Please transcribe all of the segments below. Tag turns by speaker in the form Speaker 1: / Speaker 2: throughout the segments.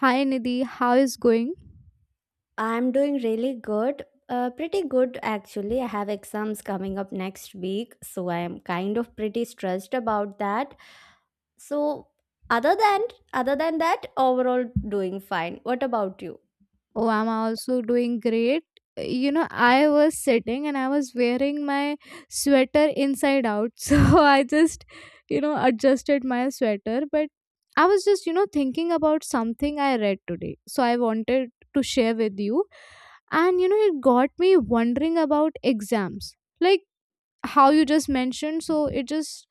Speaker 1: Hi Nidhi, how is going?
Speaker 2: I'm doing really good. Pretty good actually. I have exams coming up next week, so I am kind of pretty stressed about that. So other than other than that, overall doing fine. What about you?
Speaker 1: Oh, I'm also doing great. You know, I was sitting and I was wearing my sweater inside out. So I just, you know, adjusted my sweater. But I was just, thinking about something I read today. So I wanted to share with you. And, it got me wondering about exams. Like how you just mentioned. So it just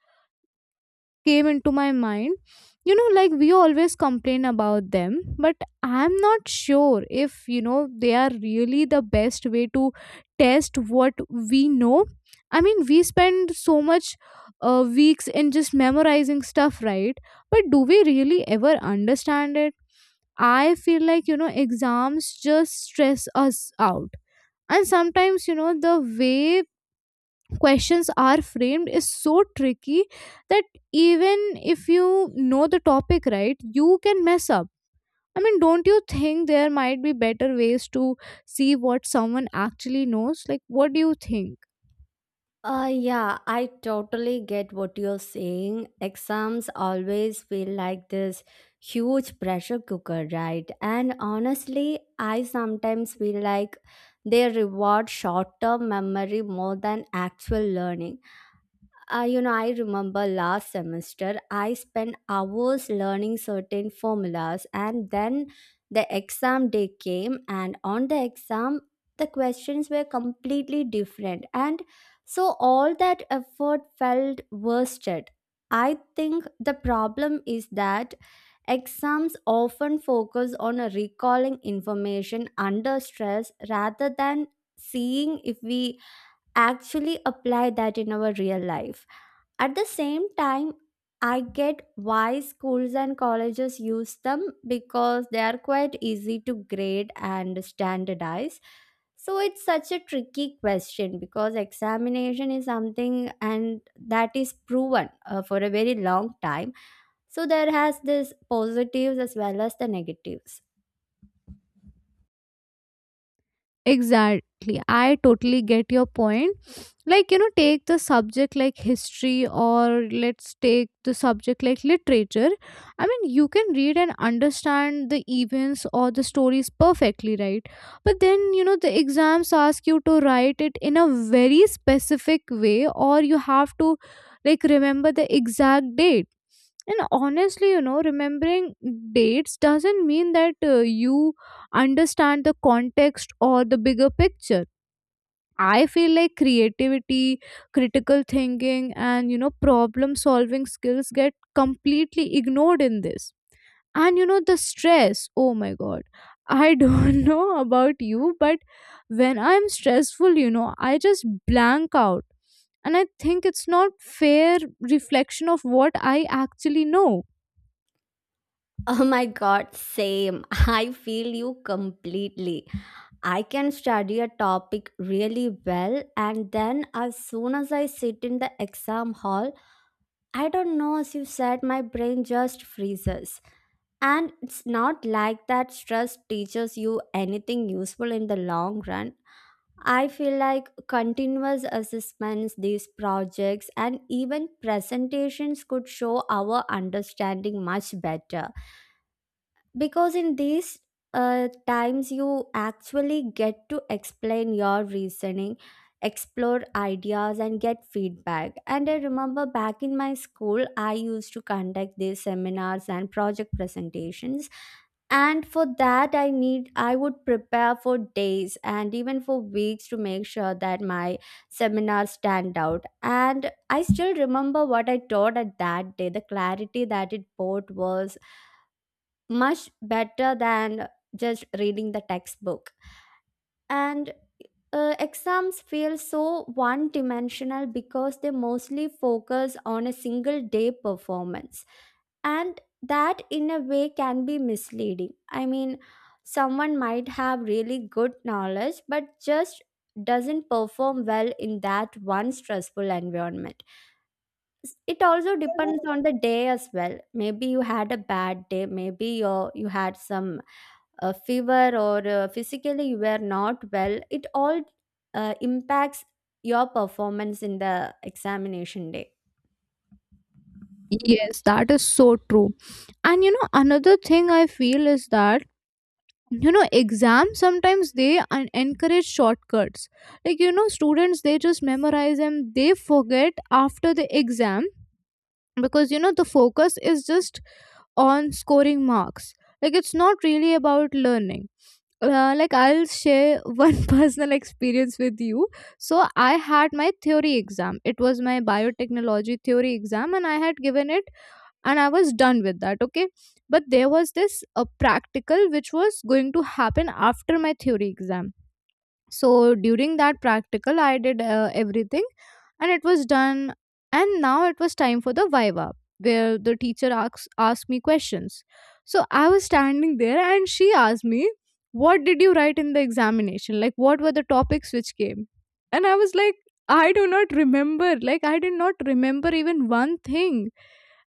Speaker 1: came into my mind, like we always complain about them, but I'm not sure if they are really the best way to test what we know. I mean, we spend so much weeks in just memorizing stuff, right? But do we really ever understand it? I feel like, exams just stress us out. And sometimes, the way questions are framed is so tricky that even if you know the topic, right, you can mess up. I mean, don't you think there might be better ways to see what someone actually knows? Like, what do you think?
Speaker 2: Yeah, I totally get what you're saying. Exams always feel like this huge pressure cooker, right? And honestly, I sometimes feel like they reward short term memory more than actual learning. I remember last semester I spent hours learning certain formulas, and then the exam day came, and on the exam, the questions were completely different. And so all that effort felt wasted. I think the problem is that exams often focus on recalling information under stress rather than seeing if we actually apply that in our real life. At the same time, I get why schools and colleges use them because they are quite easy to grade and standardize. So it's such a tricky question because examination is something and that is proven for a very long time. So there has this positives as well as the negatives.
Speaker 1: Exactly, I totally get your point. Like, take the subject like history, or let's take the subject like literature. I mean, you can read and understand the events or the stories perfectly, right? But then, the exams ask you to write it in a very specific way, or you have to like remember the exact date. And honestly, remembering dates doesn't mean that you understand the context or the bigger picture. I feel like creativity, critical thinking, and, problem solving skills get completely ignored in this. And you know, the stress, oh my god, I don't know about you, but when I'm stressful, I just blank out. And I think it's not fair reflection of what I actually know.
Speaker 2: Oh my god, same. I feel you completely. I can study a topic really well, and then as soon as I sit in the exam hall, I don't know, as you said, my brain just freezes. And it's not like that stress teaches you anything useful in the long run. I feel like continuous assessments, these projects, and even presentations could show our understanding much better, because in these times you actually get to explain your reasoning, explore ideas, and get feedback. And I remember back in my school I used to conduct these seminars and project presentations, and for that I would prepare for days and even for weeks to make sure that my seminars stand out. And I still remember what I taught at that day. The clarity that it brought was much better than just reading the textbook. And exams feel so one dimensional because they mostly focus on a single day performance. And that, in a way, can be misleading. I mean, someone might have really good knowledge but just doesn't perform well in that one stressful environment. It also depends on the day as well. Maybe you had a bad day, maybe you had some a fever or physically you are not well. It all impacts your performance in the examination day.
Speaker 1: Yes, that is so true. And you know, another thing I feel is that exams sometimes they encourage shortcuts. Like, students, they just memorize and they forget after the exam, because, the focus is just on scoring marks. Like, it's not really about learning. Like, I'll share one personal experience with you. So I had my theory exam, it was my biotechnology theory exam, and I had given it and I was done with that, okay? But there was this practical which was going to happen after my theory exam. So during that practical, I did everything, and it was done. And now it was time for the viva, where the teacher asks asked me questions. So I was standing there and she asked me, "What did you write in the examination? Like, what were the topics which came?" And I was like, I do not remember. Like, I did not remember even one thing.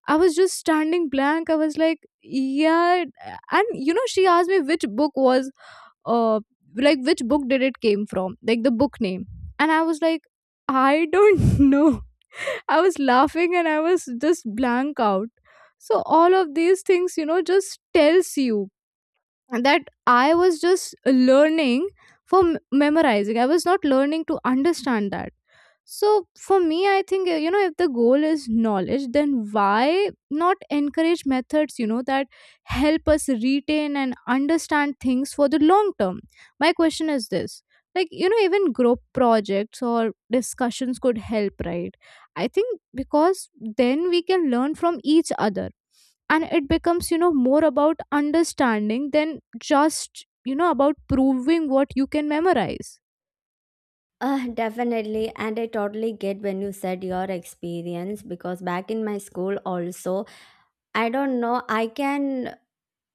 Speaker 1: I was just standing blank. I was like, yeah. And you know, she asked me which book was uh like which book did it came from, like the book name. And I was like, I don't know. I was laughing and I was just blank out. So all of these things, just tells you that I was just learning for memorizing. I was not learning to understand that. So for me, I think, you know, if the goal is knowledge, then why not encourage methods, you know, that help us retain and understand things for the long term? My question is this, like, you know, even group projects or discussions could help, right? I think because then we can learn from each other, and it becomes, more about understanding than just, about proving what you can memorize.
Speaker 2: Definitely, and I totally get when you said your experience, because back in my school also I don't know, i can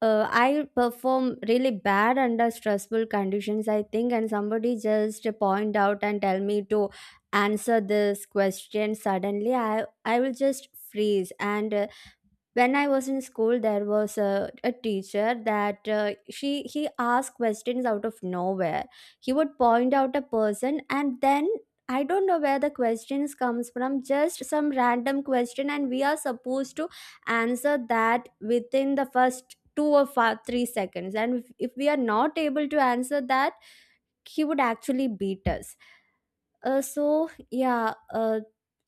Speaker 2: uh, i perform really bad under stressful conditions, I think, and somebody just point out and tell me to answer this question, suddenly I will just freeze. And When I was in school there was a teacher that, she he asked questions out of nowhere. He would point out a person, and then I don't know where the questions comes from, just some random question, and we are supposed to answer that within the first two or five, 3 seconds. And if we are not able to answer that, he would actually beat us. So yeah,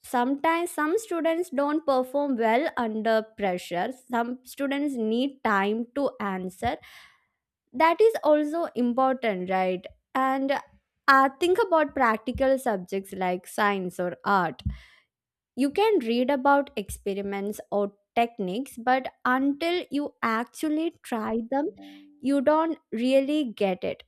Speaker 2: sometimes some students don't perform well under pressure. Some students need time to answer. That is also important, right? And think about practical subjects like science or art. You can read about experiments or techniques, but until you actually try them, you don't really get it.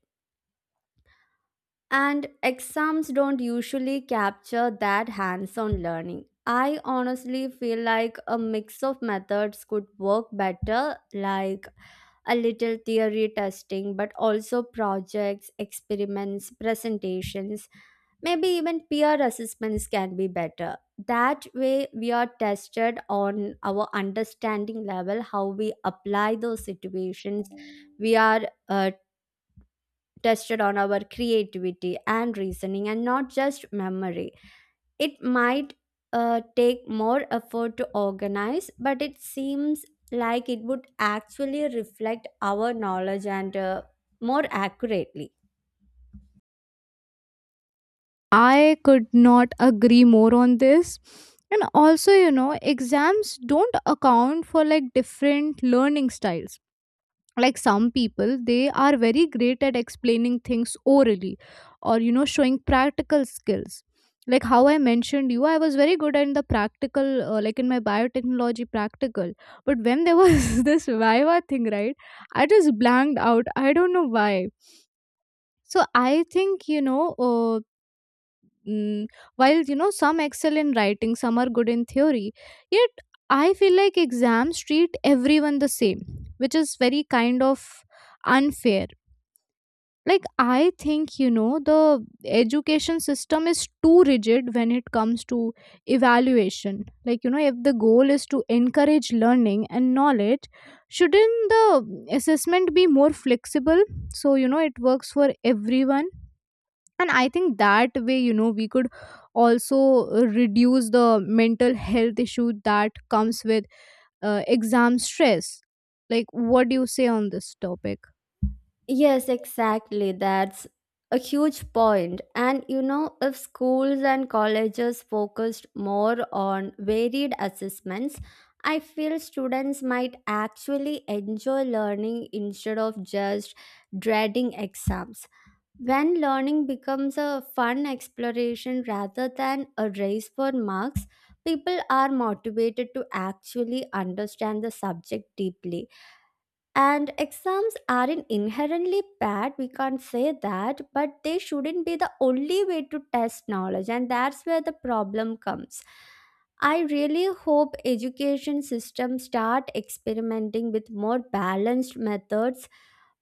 Speaker 2: And exams don't usually capture that hands on learning. I honestly feel like a mix of methods could work better, like a little theory testing, but also projects, experiments, presentations, maybe even peer assessments can be better. That way, we are tested on our understanding level, how we apply those situations. We are uh, tested on our creativity and reasoning, and not just memory. It might take more effort to organize, but it seems like it would actually reflect our knowledge and more accurately.
Speaker 1: I could not agree more on this. And also, you know, exams don't account for like different learning styles. Like some people, they are very great at explaining things orally, or, showing practical skills. Like how I mentioned you, I was very good in the practical, like in my biotechnology practical. But when there was this viva thing, right, I just blanked out, I don't know why. So I think, mm, while, some excel in writing, some are good in theory. Yet I feel like exams treat everyone the same, which is very kind of unfair. Like, I think, the education system is too rigid when it comes to evaluation. Like, you know, if the goal is to encourage learning and knowledge, shouldn't the assessment be more flexible, so, it works for everyone? And I think that way, you know, we could also reduce the mental health issue that comes with exam stress. Like, what do you say on this topic?
Speaker 2: Yes, exactly. That's a huge point. And you know, if schools and colleges focused more on varied assessments, I feel students might actually enjoy learning instead of just dreading exams. When learning becomes a fun exploration rather than a race for marks, people are motivated to actually understand the subject deeply. And exams aren't inherently bad, we can't say that, but they shouldn't be the only way to test knowledge, and that's where the problem comes. I really hope education systems start experimenting with more balanced methods,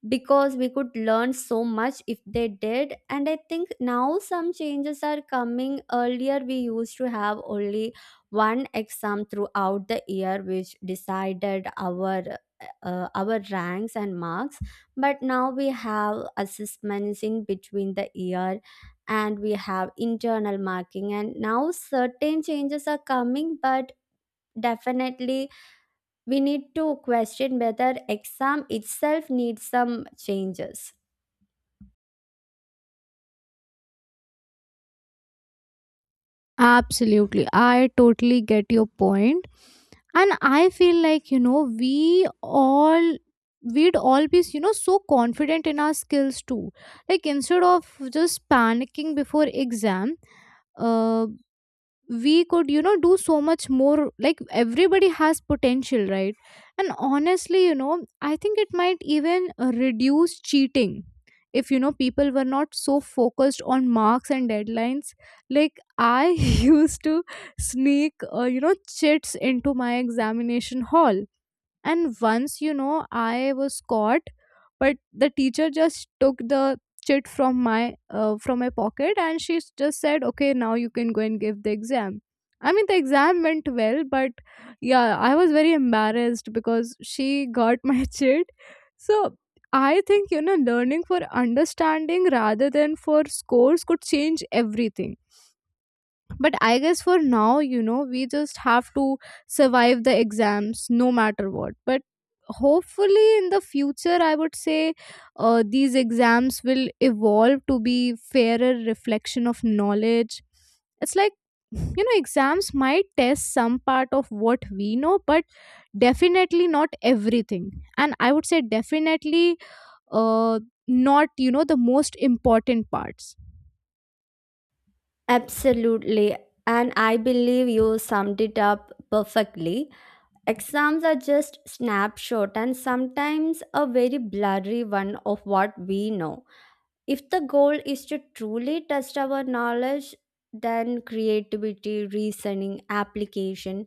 Speaker 2: because we could learn so much if they did. And I think now some changes are coming. Earlier we used to have only one exam throughout the year which decided our our ranks and marks, but now we have assessments in between the year, and we have internal marking, and now certain changes are coming, but definitely we need to question whether exam itself needs some changes.
Speaker 1: Absolutely, I totally get your point. And I feel like, you know, we all we'd all be, so confident in our skills too, like instead of just panicking before exam. uh we could, you know, do so much more. Like everybody has potential, right? And honestly, you know, I think it might even reduce cheating if, people were not so focused on marks and deadlines. Like I used to sneak you know, chits into my examination hall. And once, you know, I was caught, but the teacher just took the chit from my pocket, and she just said, "Okay, now you can go and give the exam." I mean, the exam went well, but yeah, I was very embarrassed because she got my chit. So I think, you know, learning for understanding rather than for scores could change everything. But I guess for now, you know, we just have to survive the exams no matter what. But hopefully in the future, I would say, these exams will evolve to be fairer reflection of knowledge. It's like, you know, exams might test some part of what we know, but definitely not everything. And I would say definitely uh, not, you know, the most important parts.
Speaker 2: Absolutely, and I believe you summed it up perfectly. Exams are just snapshot, and sometimes a very blurry one, of what we know. If the goal is to truly test our knowledge, then creativity, reasoning, application,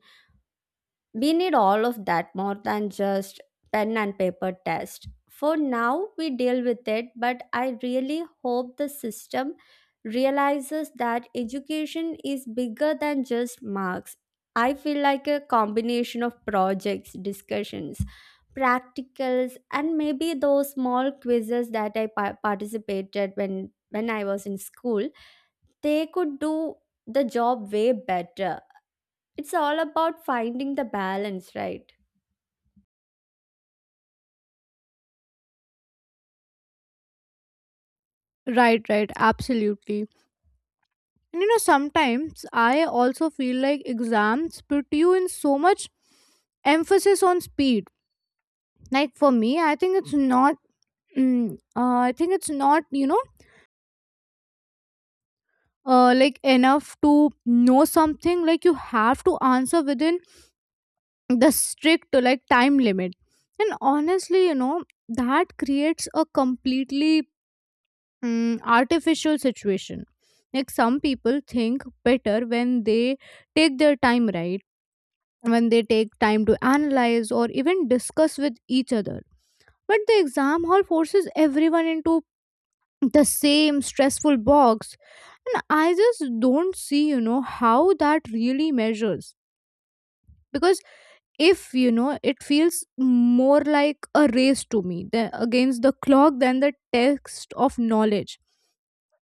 Speaker 2: we need all of that more than just pen and paper test. For now, we deal with it, but I really hope the system realizes that education is bigger than just marks. I feel like a combination of projects, discussions, practicals, and maybe those small quizzes that I participated when I was in school. They could do the job way better. It's all about finding the balance, right?
Speaker 1: Right, right, absolutely. And you know, sometimes I also feel like exams put you in so much emphasis on speed. Like for me, I think it's not. Mm, I think it's not, you know, like enough to know something. Like you have to answer within the strict like time limit. And honestly, you know, that creates a completely artificial situation. Like some people think better when they take their time, right? When they take time to analyze or even discuss with each other. But the exam hall forces everyone into the same stressful box. And I just don't see, you know, how that really measures. Because if, you know, it feels more like a race to me against the clock than the text of knowledge.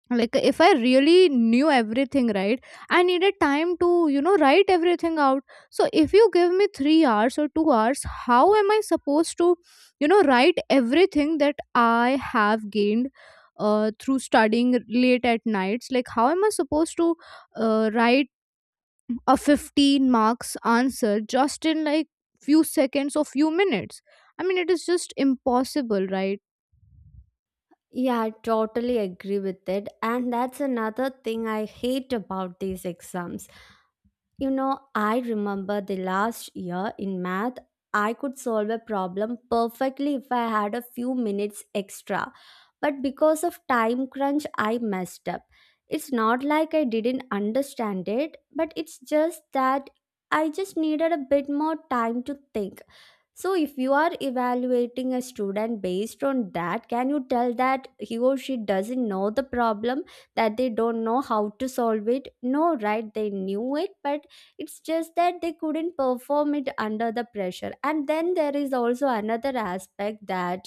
Speaker 1: Like if I really knew everything, right, I needed time to, you know, write everything out. So if you give me 3 hours or 2 hours, how am I supposed to, you know, write everything that I have gained through studying late at nights? Like how am I supposed to write a 15 marks answer just in like few seconds or few minutes? I mean, it is just impossible, right?
Speaker 2: Yeah, I totally agree with it. And that's another thing I hate about these exams. You know, I remember the last year in math, I could solve a problem perfectly if I had a few minutes extra. But because of time crunch, I messed up. It's not like I didn't understand it, but it's just that I just needed a bit more time to think. So, if you are evaluating a student based on that, can you tell that he or she doesn't know the problem, that they don't know how to solve it? No, right? They knew it, but it's just that they couldn't perform it under the pressure. And then there is also another aspect, that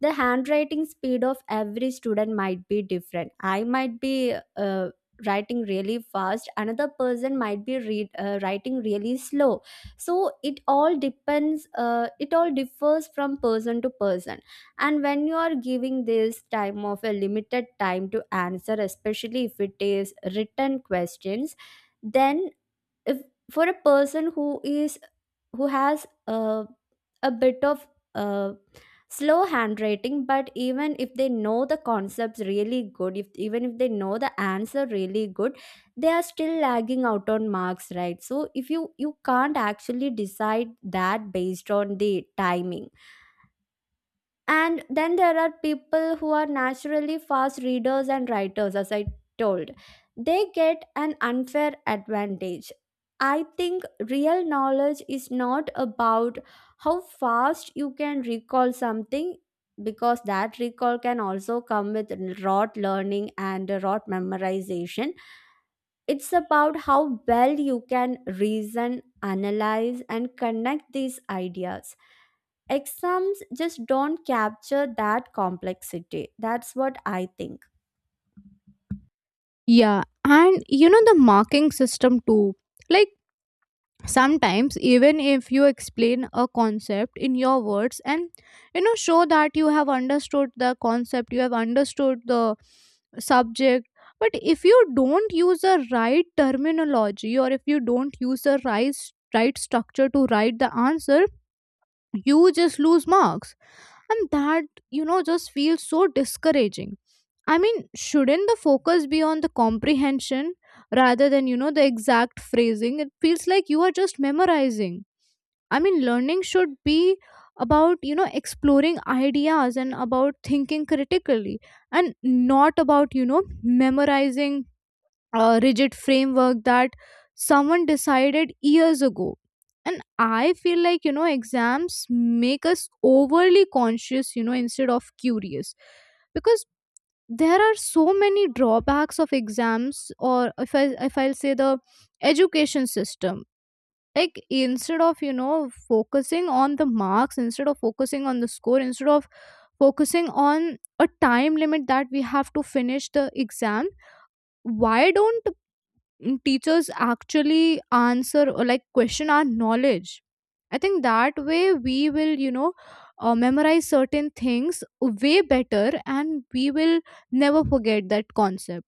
Speaker 2: the handwriting speed of every student might be different. I might be writing really fast, another person might be writing really slow. So it all depends, it all differs from person to person. And when you are giving this time of a limited time to answer, especially if it is written questions, then if for a person who has a bit of uh, slow handwriting, but even if they know the concepts really good, if even if they know the answer really good, they are still lagging out on marks, right? So if you can't actually decide that based on the timing. And then there are people who are naturally fast readers and writers, as I told, they get an unfair advantage. I think real knowledge is not about how fast you can recall something, because that recall can also come with rote learning and rote memorization. It's about how well you can reason, analyze, and connect these ideas. Exams just don't capture that complexity. That's what I think.
Speaker 1: Yeah. And you know, the marking system too. Like sometimes, even if you explain a concept in your words and, show that you have understood the concept, you have understood the subject, but if you don't use the right terminology, or if you don't use the right structure to write the answer, you just lose marks. And that, you know, just feels so discouraging. I mean, shouldn't the focus be on the comprehension rather than, the exact phrasing? It feels like you are just memorizing. I mean, learning should be about, you know, exploring ideas and about thinking critically, and not about, you know, memorizing a rigid framework that someone decided years ago. And I feel like, you know, exams make us overly conscious, you know, instead of curious. Because there are so many drawbacks of exams, or if I if I'll say the education system, like instead of, focusing on the marks, instead of focusing on the score, instead of focusing on a time limit that we have to finish the exam, why don't teachers actually answer or like question our knowledge? I think that way we will, you know, memorize certain things way better, and we will never forget that concept.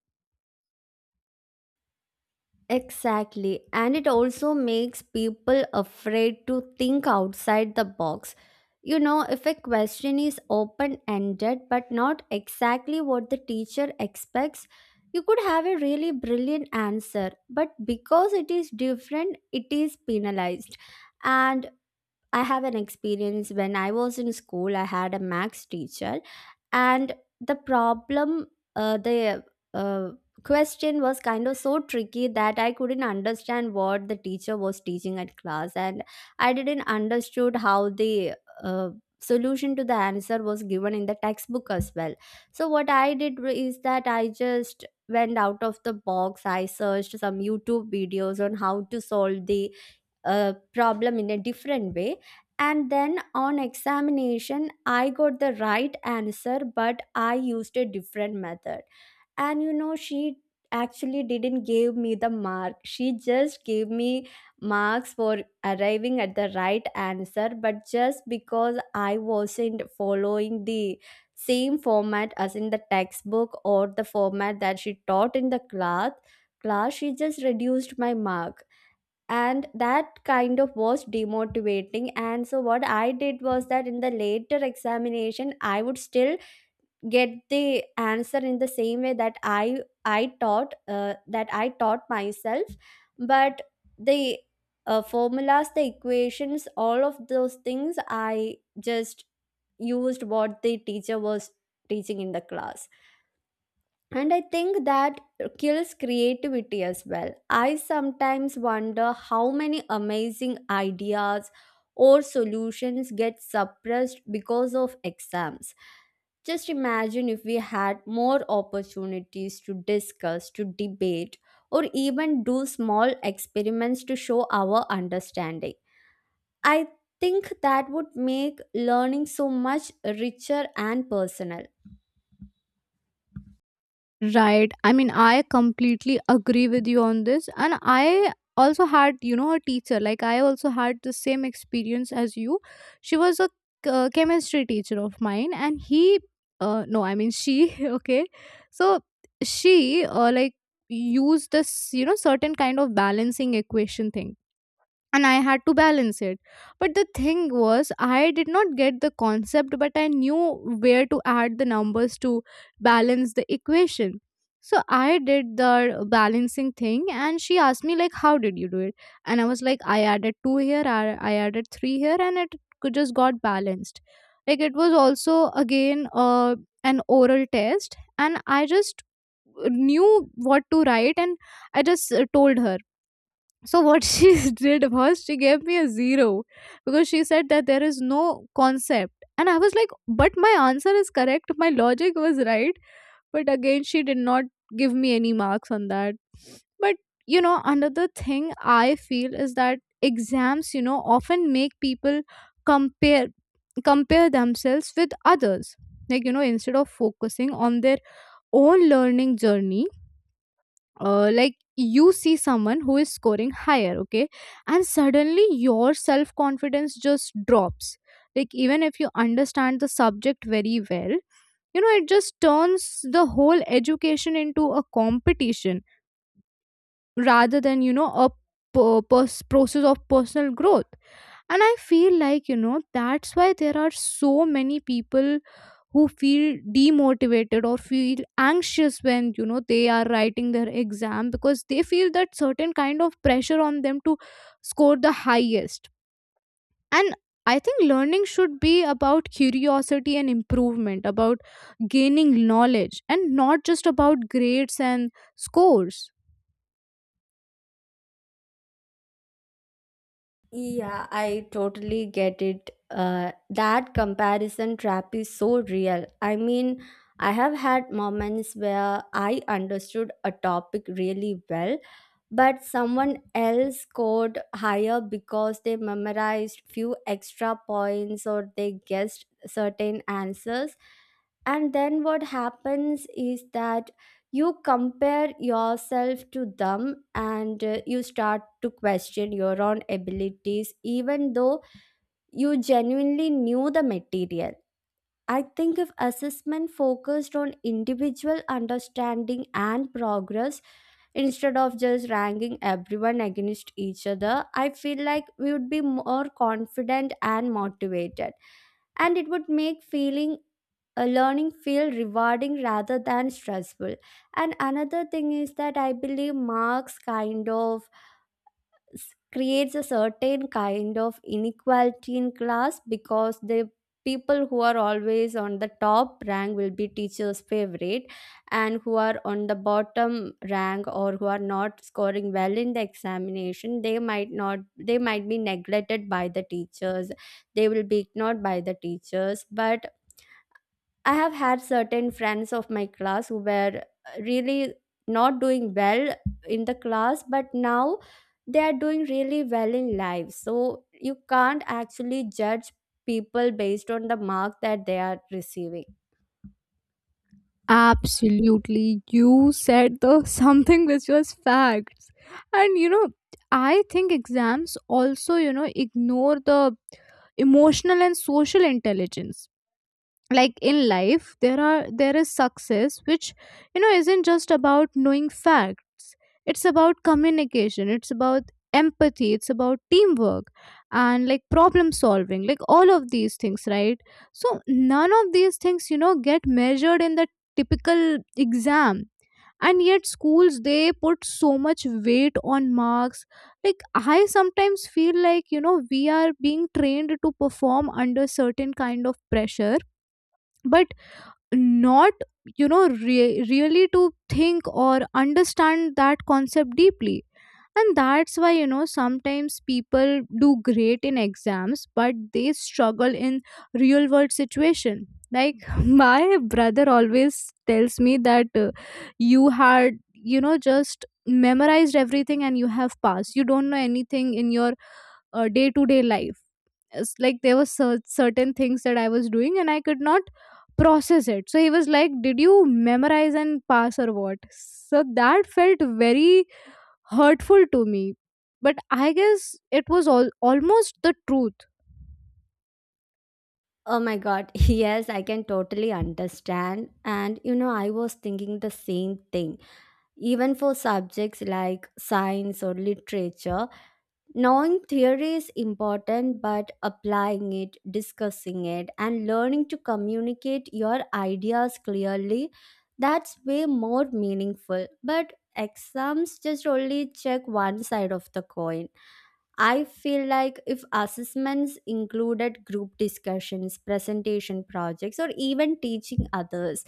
Speaker 2: Exactly. And it also makes people afraid to think outside the box. You know, if a question is open ended but not exactly what the teacher expects, you could have a really brilliant answer. But because it is different, it is penalized. And I have an experience when I was in school, I had a max teacher, and the problem, the uh, question was kind of so tricky that I couldn't understand what the teacher was teaching at class, and I didn't understood how the uh, solution to the answer was given in the textbook as well. So what I did is that I just went out of the box. I searched some YouTube videos on how to solve the problem in a different way. And then on examination I got the right answer, but I used a different method. And you know, she actually didn't give me the mark, she just gave me marks for arriving at the right answer, but just because I wasn't following the same format as in the textbook, or the format that she taught in the class, she just reduced my mark. And that kind of was demotivating. And so what I did was that in the later examination I would still get the answer in the same way that I taught, that I taught myself. But the formulas, the equations, all of those things I just used what the teacher was teaching in the class. And I think that kills creativity as well. I sometimes wonder how many amazing ideas or solutions get suppressed because of exams. Just imagine if we had more opportunities to discuss, to debate, or even do small experiments to show our understanding. I think that would make learning so much richer and personal.
Speaker 1: Right. I mean, I completely agree with you on this. And I also had, you know, a teacher. Like, I also had the same experience as you. She was a chemistry teacher of mine, and he, no, I mean, she, okay. So, she, like, used this, you know, certain kind of balancing equation thing, and I had to balance it. But the thing was, I did not get the concept, but I knew where to add the numbers to balance the equation. So I did the balancing thing, and she asked me like, "How did you do it?" And I was like, "I added two here, I added three here, and it just got balanced." Like it was also again an oral test, and I just knew what to write, and I just told her so what she did was she gave me a zero because she said that there is no concept. And I was like, but my answer is correct. My logic was right. But again, she did not give me any marks on that. But another thing I feel is that exams, often make people compare compare themselves with others. Like, you know, instead of focusing on their own learning journey, like you see someone who is scoring higher, okay, and suddenly your self confidence just drops, like even if you understand the subject very well, you know, it just turns the whole education into a competition rather than, you know, a process of personal growth. And I feel like, you know, that's why there are so many people who feel demotivated or feel anxious when, you know, they are writing their exam, because they feel that certain kind of pressure on them to score the highest. And I think learning should be about curiosity and improvement, about gaining knowledge and not just about grades and scores.
Speaker 2: Yeah, I totally get it. That comparison trap is so real. I mean, I have had moments where I understood a topic really well, but someone else scored higher because they memorized few extra points or they guessed certain answers, and then what happens is that you compare yourself to them, and you start to question your own abilities, even though you genuinely knew the material. I think if assessment focused on individual understanding and progress instead of just ranking everyone against each other, I feel like we would be more confident and motivated, and it would make feeling, learning feel rewarding rather than stressful. And another thing is that I believe marks kind of creates a certain kind of inequality in class, because the people who are always on the top rank will be teachers favorite, and who are on the bottom rank or who are not scoring well in the examination, they might not they might be neglected by the teachers, they will be ignored by the teachers. But I have had certain friends of my class who were really not doing well in the class, but now they are doing really well in life. So you can't actually judge people based on the mark that they are receiving.
Speaker 1: Absolutely, you said the something which was facts. And you know, I think exams also, you know, ignore the emotional and social intelligence. Like in life there is success which, you know, isn't just about knowing facts. It's about communication, it's about empathy, it's about teamwork, and like problem solving, like all of these things, right? So none of these things, you know, get measured in the typical exam. And yet schools, they put so much weight on marks. Like, I sometimes feel like, you know, we are being trained to perform under certain kind of pressure, but not, you know, really to think or understand that concept deeply. And that's why, you know, sometimes people do great in exams, but they struggle in real world situation. Like, my brother always tells me that, you had, you know, just memorized everything and you have passed, you don't know anything in your day-to-day life. It's like there were certain things that I was doing and I could not process it. So he was like, did you memorize and pass or what? So that felt very hurtful to me. But I guess it was all, almost the truth.
Speaker 2: Oh my god, yes, I can totally understand. And you know, I was thinking the same thing. Even for subjects like science or literature, knowing theory is important, but applying it, discussing it, and learning to communicate your ideas clearly, that's way more meaningful. But exams just only check one side of the coin. I feel like if assessments included group discussions, presentation projects, or even teaching others,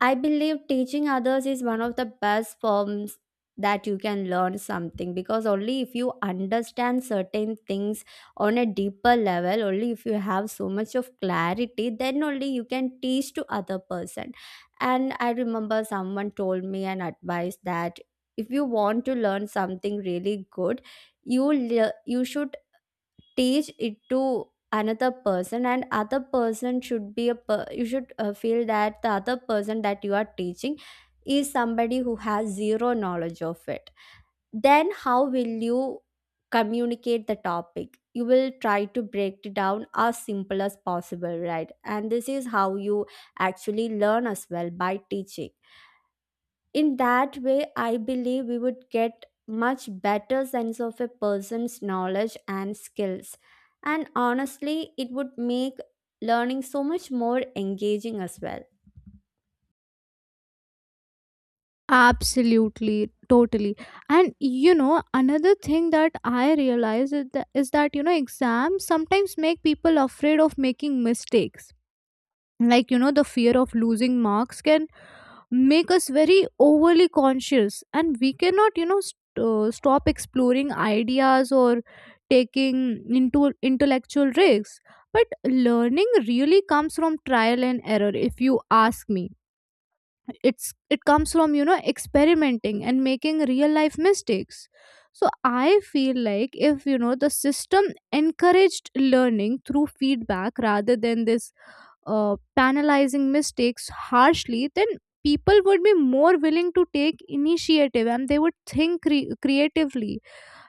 Speaker 2: I believe teaching others is one of the best forms that you can learn something, because only if you understand certain things on a deeper level, only if you have so much of clarity, then only you can teach to other person. And I remember someone told me an advice that if you want to learn something really good, you should teach it to another person, and other person should be a you should feel that the other person that you are teaching is somebody who has zero knowledge of it. Then how will you communicate the topic? You will try to break it down as simple as possible, right? And this is how you actually learn as well, by teaching in that way. I believe we would get much better sense of a person's knowledge and skills, and honestly, it would make learning so much more engaging as well.
Speaker 1: Absolutely, totally. And you know, another thing that I realize is that, you know, exams sometimes make people afraid of making mistakes. Like, you know, the fear of losing marks can make us very overly conscious, and we cannot, you know, stop exploring ideas or taking into intellectual risks. But learning really comes from trial and error, if you ask me. It's it comes from, you know, experimenting and making real life mistakes. So I feel like, if you know the system encouraged learning through feedback rather than this penalizing mistakes harshly, then people would be more willing to take initiative and they would think creatively.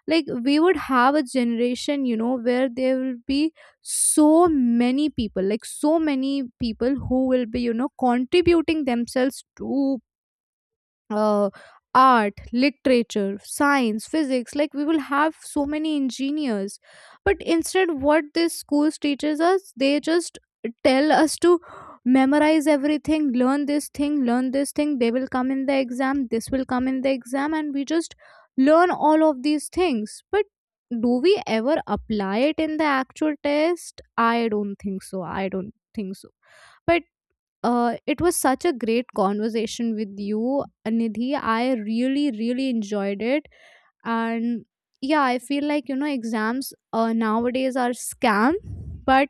Speaker 1: Like, we would have a generation, you know, where there will be so many people, like, so many people who will be, you know, contributing themselves to uh, art, literature, science, physics. Like we will have so many engineers. But instead, what these schools teaches us, they just tell us to memorize everything, learn this thing, learn this thing. They will come in the exam. This will come in the exam, and we just learn all of these things. But do we ever apply it in the actual test? I don't think so. I don't think so. But it was such a great conversation with you, Nidhi. I really, really enjoyed it. And yeah, I feel like, you know, exams nowadays are scam, but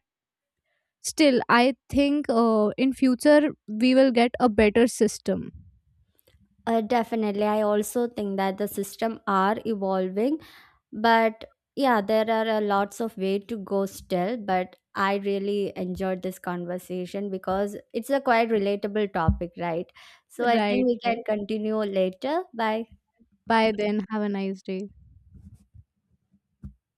Speaker 1: still, I think in future we will get a better system.
Speaker 2: Definitely I also think that the system are evolving, but yeah, there are a lots of way to go still. But I really enjoyed this conversation because it's a quite relatable topic, right? So I
Speaker 1: Right,
Speaker 2: think we can
Speaker 1: right.
Speaker 2: continue later. Bye.
Speaker 1: Bye then. Have a nice day.